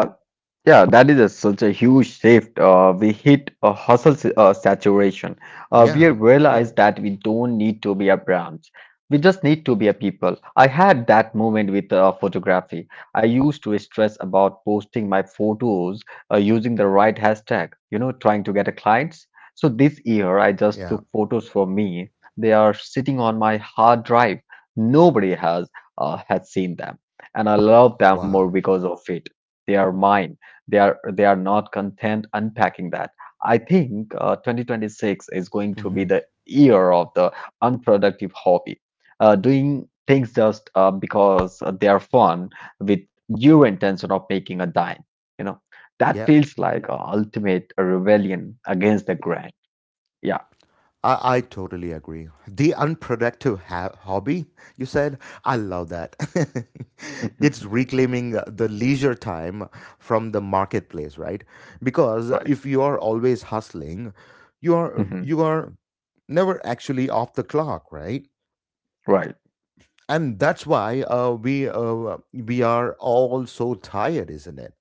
B: Yeah, that is a, such a huge shift. We hit a hustle saturation. We
A: Yeah.
B: realize that we don't need to be a brand. We just need to be a people. I had that moment with photography. I used to stress about posting my photos using the right hashtag, you know, trying to get a clients. So this year, I just
A: Yeah.
B: took photos for me. They are sitting on my hard drive. Nobody has seen them, and I love them more
A: Wow.
B: because of it. They are mine, they are not content. Unpacking that, I think 2026 is going to be
A: Hmm.
B: the year of the unproductive hobby, doing things just because they are fun with your intention of making a dime. You know, that feels like a ultimate rebellion against the grind. Yeah.
A: I totally agree. The unproductive hobby, you said, I love that. It's reclaiming the leisure time from the marketplace, right? Because
B: Right.
A: if you are always hustling, you are
B: Right,
A: you are never actually off the clock, right?
B: right.
A: And that's why we we are all so tired, isn't it?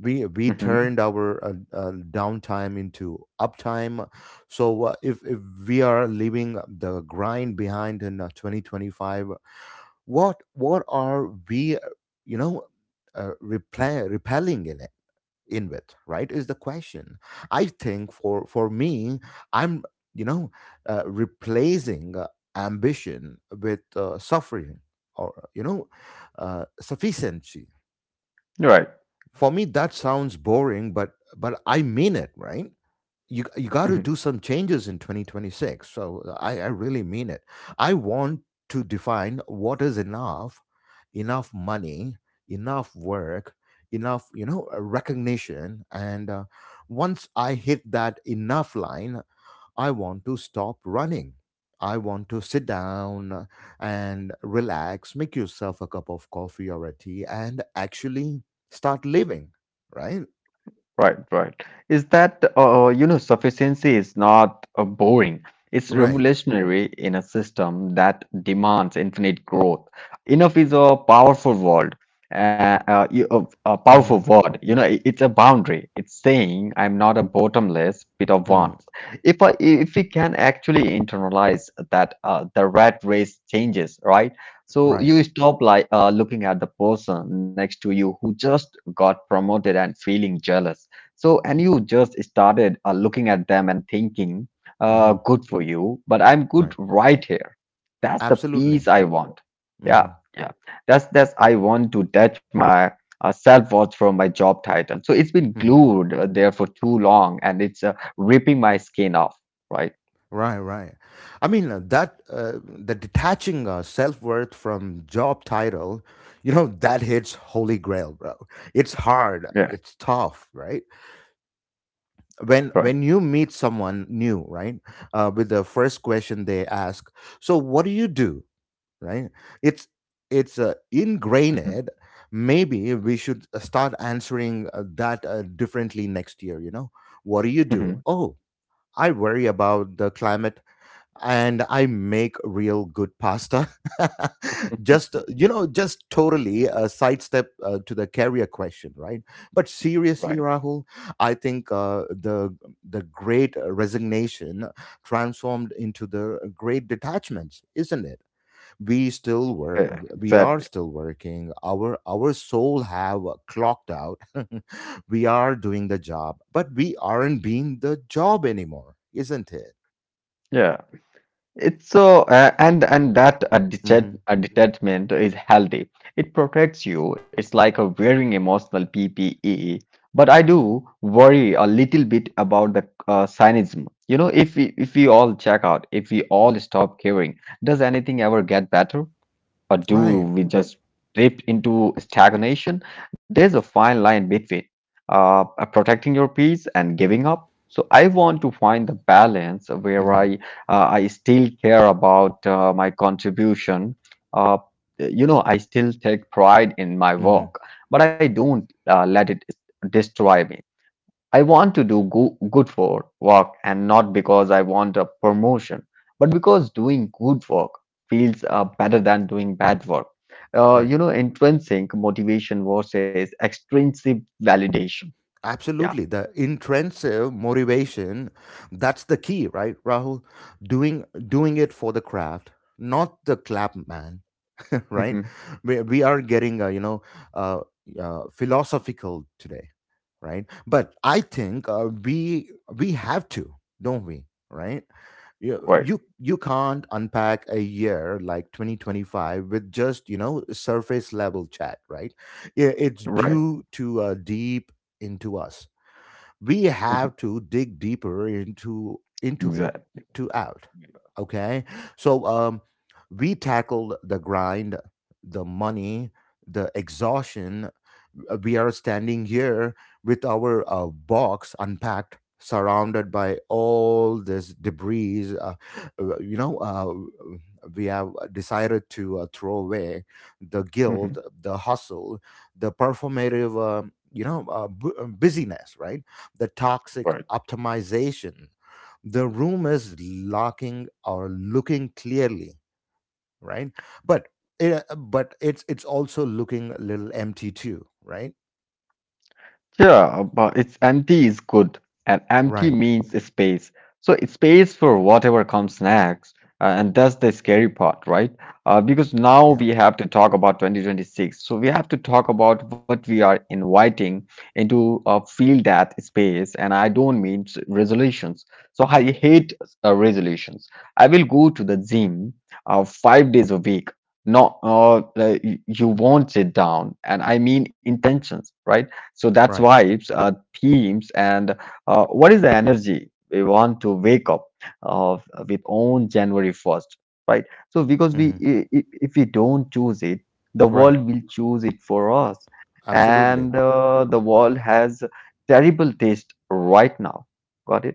A: We
B: Hmm.
A: turned our downtime into uptime. So if we are leaving the grind behind in 2025, what are we, you know repelling in it in with, right, is the question. I think for me, I'm, you know, replacing ambition with suffering, or, you know, sufficiency.
B: Right.
A: For me, that sounds boring, but I mean it, right? You got to
B: Mm-hmm.
A: do some changes in 2026. So I really mean it. I want to define what is enough, enough money, enough work, enough, you know, recognition, and once I hit that enough line, I want to stop running. I want to sit down and relax, make yourself a cup of coffee or a tea, and actually start living. Right?
B: Right, right. You know, sufficiency is not boring. It's
A: Right.
B: revolutionary in a system that demands infinite growth. Enough is a powerful word. A powerful
A: Mm-hmm.
B: word. You know, it's a boundary. It's saying I'm not a bottomless pit of wants.
A: Hmm.
B: If we can actually internalize that, the rat race changes, right? So
A: Right.
B: you stop looking at the person next to you who just got promoted and feeling jealous. So and you just started looking at them and thinking,
A: Hmm.
B: "Good for you, but I'm good
A: Right.
B: right here." That's the
A: Absolutely.
B: peace I want.
A: Hmm.
B: Yeah, yeah. That's I want to detach my self-worth from my job title. So it's been
A: Hmm.
B: glued there for too long, and it's ripping my skin off. Right.
A: Right. Right. I mean that the detaching self worth from job title, you know, that hits holy grail, bro. It's hard.
B: Yeah.
A: It's tough, right? when
B: Right.
A: when you meet someone new, right, with the first question they ask, so what do you do, right? It's
B: Mhm,
A: ingrained. Maybe we should start answering that differently next year, you know. What do you do?
B: mhm.
A: Oh, I worry about the climate, and I make real good pasta. Just, you know, just totally a sidestep to the career question, right? But seriously,
B: Right.
A: Rahul, I think the great resignation transformed into the great detachments, isn't it? We still were,
B: Yeah.
A: we are
B: Exactly.
A: still working. Our soul have clocked out. We are doing the job, but we aren't being the job anymore, isn't it?
B: Yeah. It's so And that
A: Hmm.
B: detachment is healthy. It protects you. It's like a wearing emotional PPE. But I do worry a little bit about the cynism. You know, if we all check out, if we all stop caring, does anything ever get better? Or do
A: Right.
B: we just drift into stagnation? There's a fine line between uh, protecting your peace and giving up. So I want to find the balance where
A: Hmm.
B: I still care about my contribution. Uh, you know, I still take pride in my
A: Hmm.
B: work, but I don't let it destroy me. I want to do good for work and not because I want a promotion, but because doing good work feels better than doing bad work.
A: Right.
B: You know, intrinsic motivation versus extrinsic validation. Yeah.
A: Absolutely. The intrinsic motivation, that's the key, right, Rahul? Doing it for the craft, not the clap man, right?
B: Mhm.
A: We are getting, uh, philosophical today, right? But I think we have to, don't we? Right? you
B: Right.
A: you you can't unpack a year like 2025 with just, you know, surface level chat, right? Yeah, it's
B: Right.
A: due to deep into us. We
B: Mhm.
A: have to dig deeper into it
B: Exactly.
A: to out. Okay, so, we tackled the grind, the money, the exhaustion. We are standing here with our box unpacked, surrounded by all this debris. Uh, you know, uh, we have decided to throw away the
B: Mhm.
A: guilt, the hustle, the performative, uh, busyness, right? The toxic
B: Right.
A: optimization, the room is locking or looking clearly, right? But, it, but it's also looking a little empty too, right?
B: Yeah, but it's empty is good, and empty
A: Right.
B: means space. So it's space for whatever comes next, and that's the scary part, right? Because now
A: Yeah.
B: we have to talk about 2026. So we have to talk about what we are inviting into fill that space, and I don't mean resolutions. So I hate resolutions. I will go to the gym five days a week. No, like, you won't sit down, and I mean intentions, right? So that's
A: Right.
B: vibes, themes, and what is the energy we want to wake up uh, with on January 1st, right? So because we,
A: Hmm.
B: if we don't choose it, the
A: Right.
B: world will choose it for us, and
A: Absolutely.
B: the world has terrible taste right now. Got it?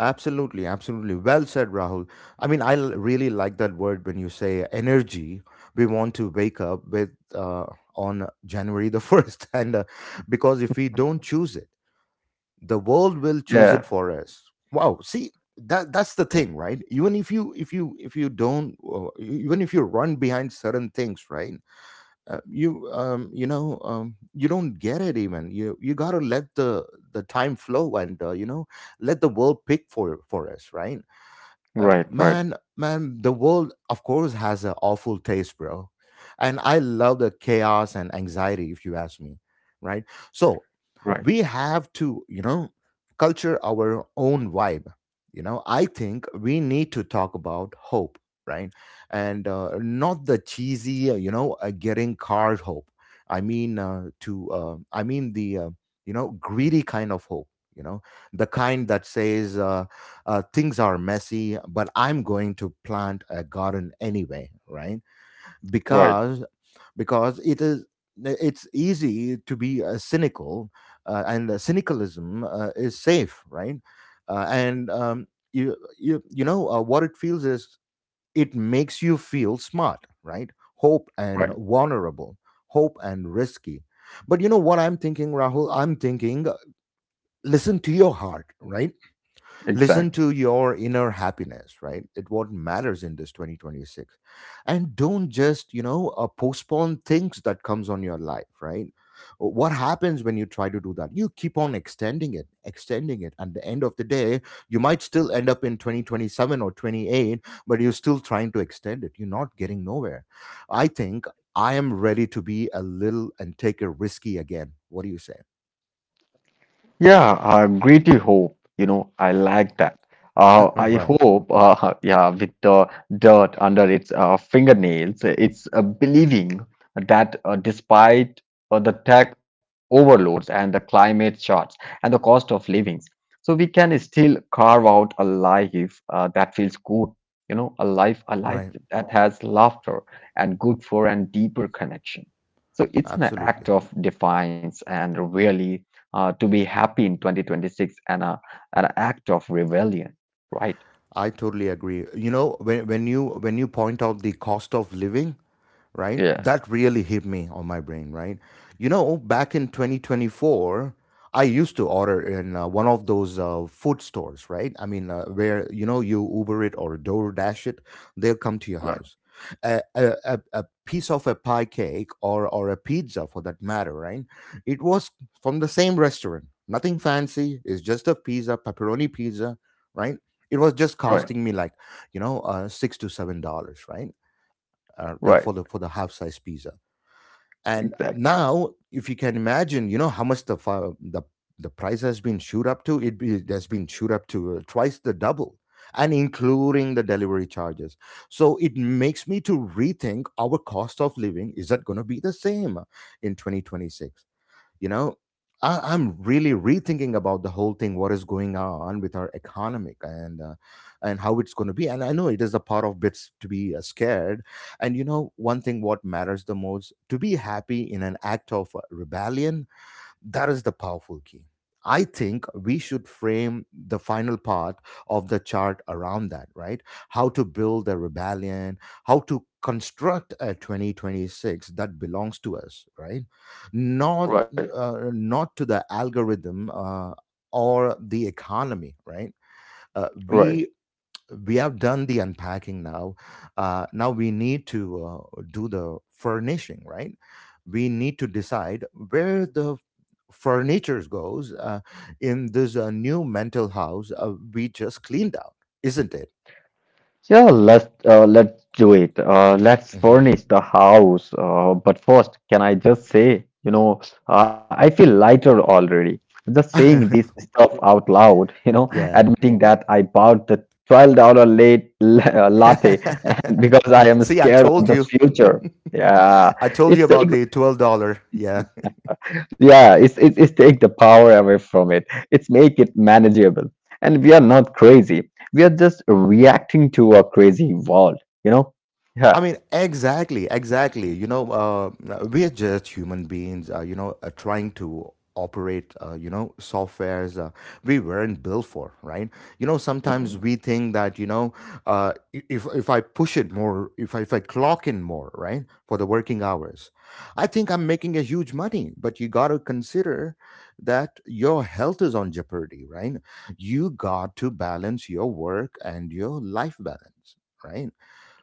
A: Absolutely. Absolutely. Well said, Rahul. I mean, really like that word when you say energy. We want to wake up with on January the 1st. And because if we don't choose it, the world will choose
B: Yeah.
A: it for us. Wow. See, that's the thing, right? Even if you if you don't, even if you run behind certain things, right? You don't get it. Even you got to let the time flow, and let the world pick for us, right? uh,
B: Right. Right.
A: man man the world of course has an awful taste, bro, and I love the chaos and anxiety, if you ask me, right? So
B: Right.
A: we have to, culture our own vibe. You know, I think we need to talk about hope, right? And not the cheesy, getting card hope. I mean to I mean the You know, greedy kind of hope, you know, the kind that says, things are messy but I'm going to plant a garden anyway, right?
B: Right.
A: Because because it is, it's easy to be cynical, and cynicalism is safe, right? And You know, what it feels is it makes you feel smart, right? Hope and
B: Right.
A: vulnerable, hope and risky. But you know what I'm thinking, Rahul? I'm thinking, listen to your heart, right? Listen
B: Exactly.
A: to your inner happiness, right? It, what matters in this 2026, and don't just, postpone things that comes on your life, right? What happens when you try to do that, you keep on extending it at the end of the day. You might still end up in 2027 or 28, but you're still trying to extend it. You're not getting nowhere. I think I am ready to be a little and take a risky again. What do you say?
B: Yeah, greatly hope. You know, I like that. I
A: Right,
B: hope, yeah, with the dirt under its fingernails, it's believing that despite the tech overloads and the climate shocks and the cost of livings, so we can still carve out a life that feels good. You know, a life
A: right,
B: that has laughter and good for and deeper connection. So it's an
A: absolutely.
B: act of defiance and really to be happy in 2026 and a, an act of rebellion, right?
A: I totally agree. You know, when when you point out the cost of living, right?
B: Yeah,
A: That really hit me on my brain, right? You know, back in 2024, I used to order in, one of those food stores, right? I mean, where, you know, you Uber it or DoorDash it, they'll come to your
B: right,
A: house. A piece of a pie cake, or a pizza, for that matter, right? It was from the same restaurant. Nothing fancy. It's just a pizza, pepperoni pizza, right? It was just
B: right,
A: costing me like, $6 to $7, right? The
B: right,
A: for the for the half size pizza. And
B: exactly,
A: now, if you can imagine, you know how much the fi- the price has been shoot up to. It has been shoot up to twice the double, and including the delivery charges. So it makes me to rethink our cost of living. Is that going to be the same in 2026? You know, I'm really rethinking about the whole thing, what is going on with our economic, and and how it's going to be. And I know it is a part of bits to be scared. And you know, one thing what matters the most to be happy in an act of rebellion, that is the powerful key. I think we should frame the final part of the chart around that, right? How to build a rebellion, how to construct a 2026 that belongs to us, right? Not,
B: right,
A: not to the algorithm, or the economy, right? Uh,
B: right.
A: we we have done the unpacking now. Now we need to do the furnishing, right? We need to decide where the furniture goes, in this new mental house we just cleaned out, isn't it?
B: Yeah, let's do it. Let's
A: Hmm.
B: furnish the house. But first, can I just say, you know, I feel lighter already. Just saying this stuff out loud, you know,
A: Yeah.
B: admitting that I bought the $12 latte because I am
A: See, I
B: scared of
A: told
B: the
A: you.
B: future. Yeah,
A: I told you
B: it's
A: about the $12. Yeah.
B: Yeah, it's take the power away from it. It's make it manageable. And we are not crazy. We are just reacting to a crazy world, you know?
A: I
B: Yeah.
A: mean, exactly, exactly. You know, we are just human beings, trying to operate, softwares we weren't built for, right? You know,
B: Mhm.
A: sometimes we think that, you know, if I push it more, if I clock in more, right, for the working hours, I think I'm making a huge money. But you got to consider that your health is on jeopardy, right? You got to balance your work and your life balance, right?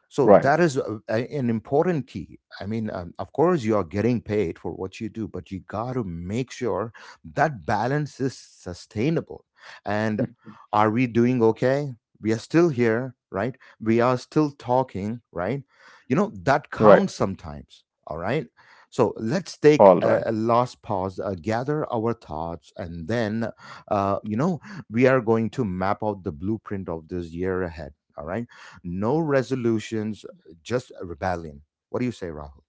A: So
B: Right,
A: that is a, an important key. I mean, of course, you are getting paid for what you do, but you got to make sure that balance is sustainable. And, are we doing okay? We are still here, right? We are still talking, right? You know, that
B: right,
A: counts sometimes, all right? So let's take
B: all right.
A: a last pause, gather our thoughts, and then, uh, you know, we are going to map out the blueprint of this year ahead, all right? No resolutions, just a rebellion. What do you say, Rahul?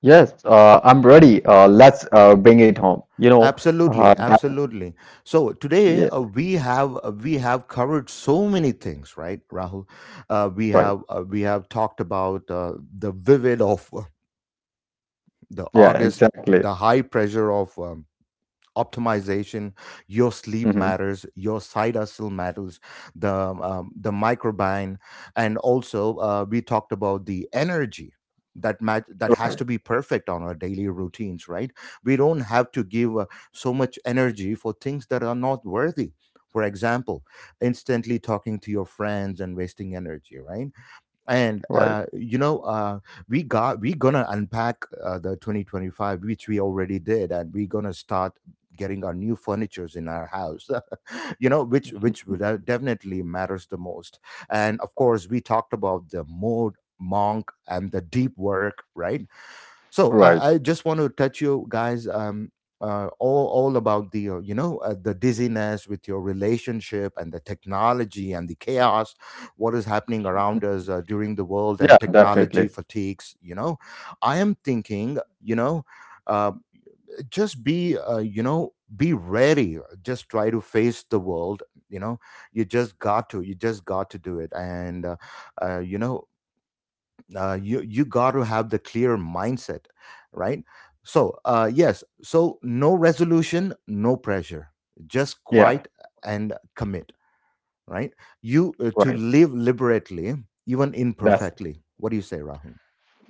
B: Yes, I'm ready. Let's bring it home. You know, uh,
A: Absolutely,
B: that,
A: absolutely. So today,
B: yeah,
A: we have covered so many things, right, Rahul? We have talked about the vivid of, the
B: yeah,
A: August,
B: exactly.
A: the high pressure of, optimization, your sleep
B: Hmm.
A: matters, your side hustle matters, the, the microbiome, and also, we talked about the energy, that that has to
B: Right,
A: be perfect on our daily routines, right? We don't have to give, so much energy for things that are not worthy, for example, instantly talking to your friends and wasting energy, right? And,
B: right,
A: we gonna unpack, the 2025, which we already did, and we gonna start getting our new furnitures in our house. You know, which would, definitely matters the most. And of course, we talked about the mode monk and the deep work, right? So
B: right.
A: I just want to touch you guys, all about the, the dizziness with your relationship and the technology and the chaos, what is happening around us, during the world
B: Yeah,
A: and technology
B: definitely.
A: fatigues. You know, I am thinking, you know. Uh, just be, be ready, just try to face the world, you know. You just got to, you just got to do it, and uh, you know you got to have the clear mindset, right? So, yes, so no resolution, no pressure, just
B: Yeah,
A: quiet and commit, right? you To
B: right.
A: live liberately, even
B: That's
A: imperfectly. What do you say, Rahul?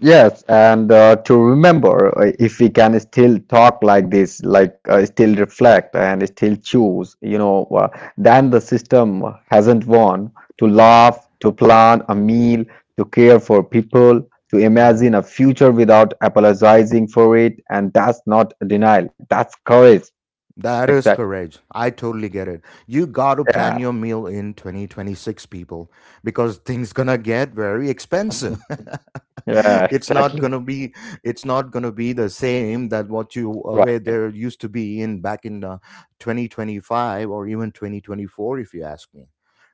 B: Yes, and to remember, if we can still talk like this, like still reflect and still choose, you know, then the system hasn't won. To
A: Yeah.
B: laugh, to plan a meal, to care for people, to
A: Oh yeah.
B: imagine a future without apologizing for it, and that's not denial. That's courage.
A: That is
B: Exactly.
A: correct. I totally get it. You got to
B: Yeah.
A: plan your meal in 2026, people, because things going to get very expensive.
B: Yeah.
A: It's not going
B: Exactly.
A: to be, it's not going to be the same that what you, where
B: Right.
A: there used to be in back in, 2025, or even 2024, if you ask me.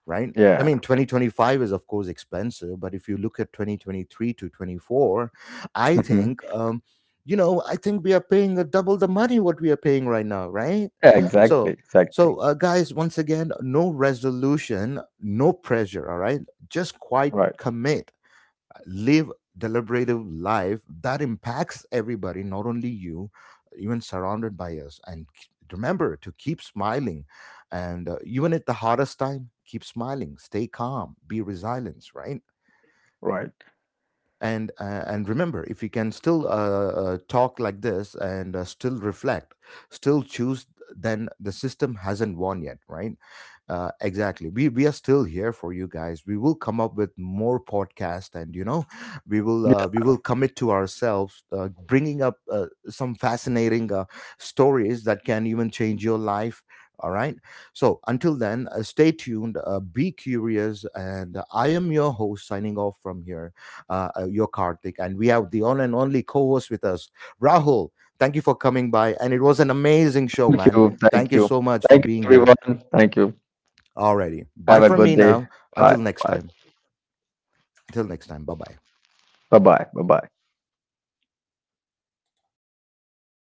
A: Right? I
B: Yeah.
A: mean, 2025 is of course expensive, but if you look at 2023 to 24, I
B: Mhm.
A: think, you know, I think we are paying a double the money what we are paying right now, right?
B: Yeah, exactly.
A: So,
B: Exactly.
A: so, guys, once again, no resolution, no pressure, all right? Just quite
B: Right.
A: commit, live deliberative life that impacts everybody, not only you, even surrounded by us. And remember to keep smiling, and even at the hardest time, keep smiling, stay calm, be resilient, right?
B: Right.
A: And, and remember, if you can still, talk like this, and still reflect, still choose, then the system hasn't won yet, right? Uh, exactly, we are still here for you guys. We will come up with more podcast, and you know, we will commit to ourselves, bringing up, some fascinating, stories that can even change your life, all right? So until then, stay tuned, be curious, and I am your host, signing off from here, your Karthik. And we have the one and only co host with us, Rahul. Thank you for coming by. And it was an amazing
B: Thank
A: show,
B: you.
A: man.
B: Thank
A: Thank you
B: you.
A: so much
B: Thank
A: for
B: you,
A: being here.
B: everyone. Thank you.
A: Alrighty. Bye
B: Have a
A: from
B: good
A: me
B: day.
A: now. Until
B: Bye.
A: next
B: Bye.
A: time. Until next time. Bye bye.
B: Bye-bye. Bye-bye.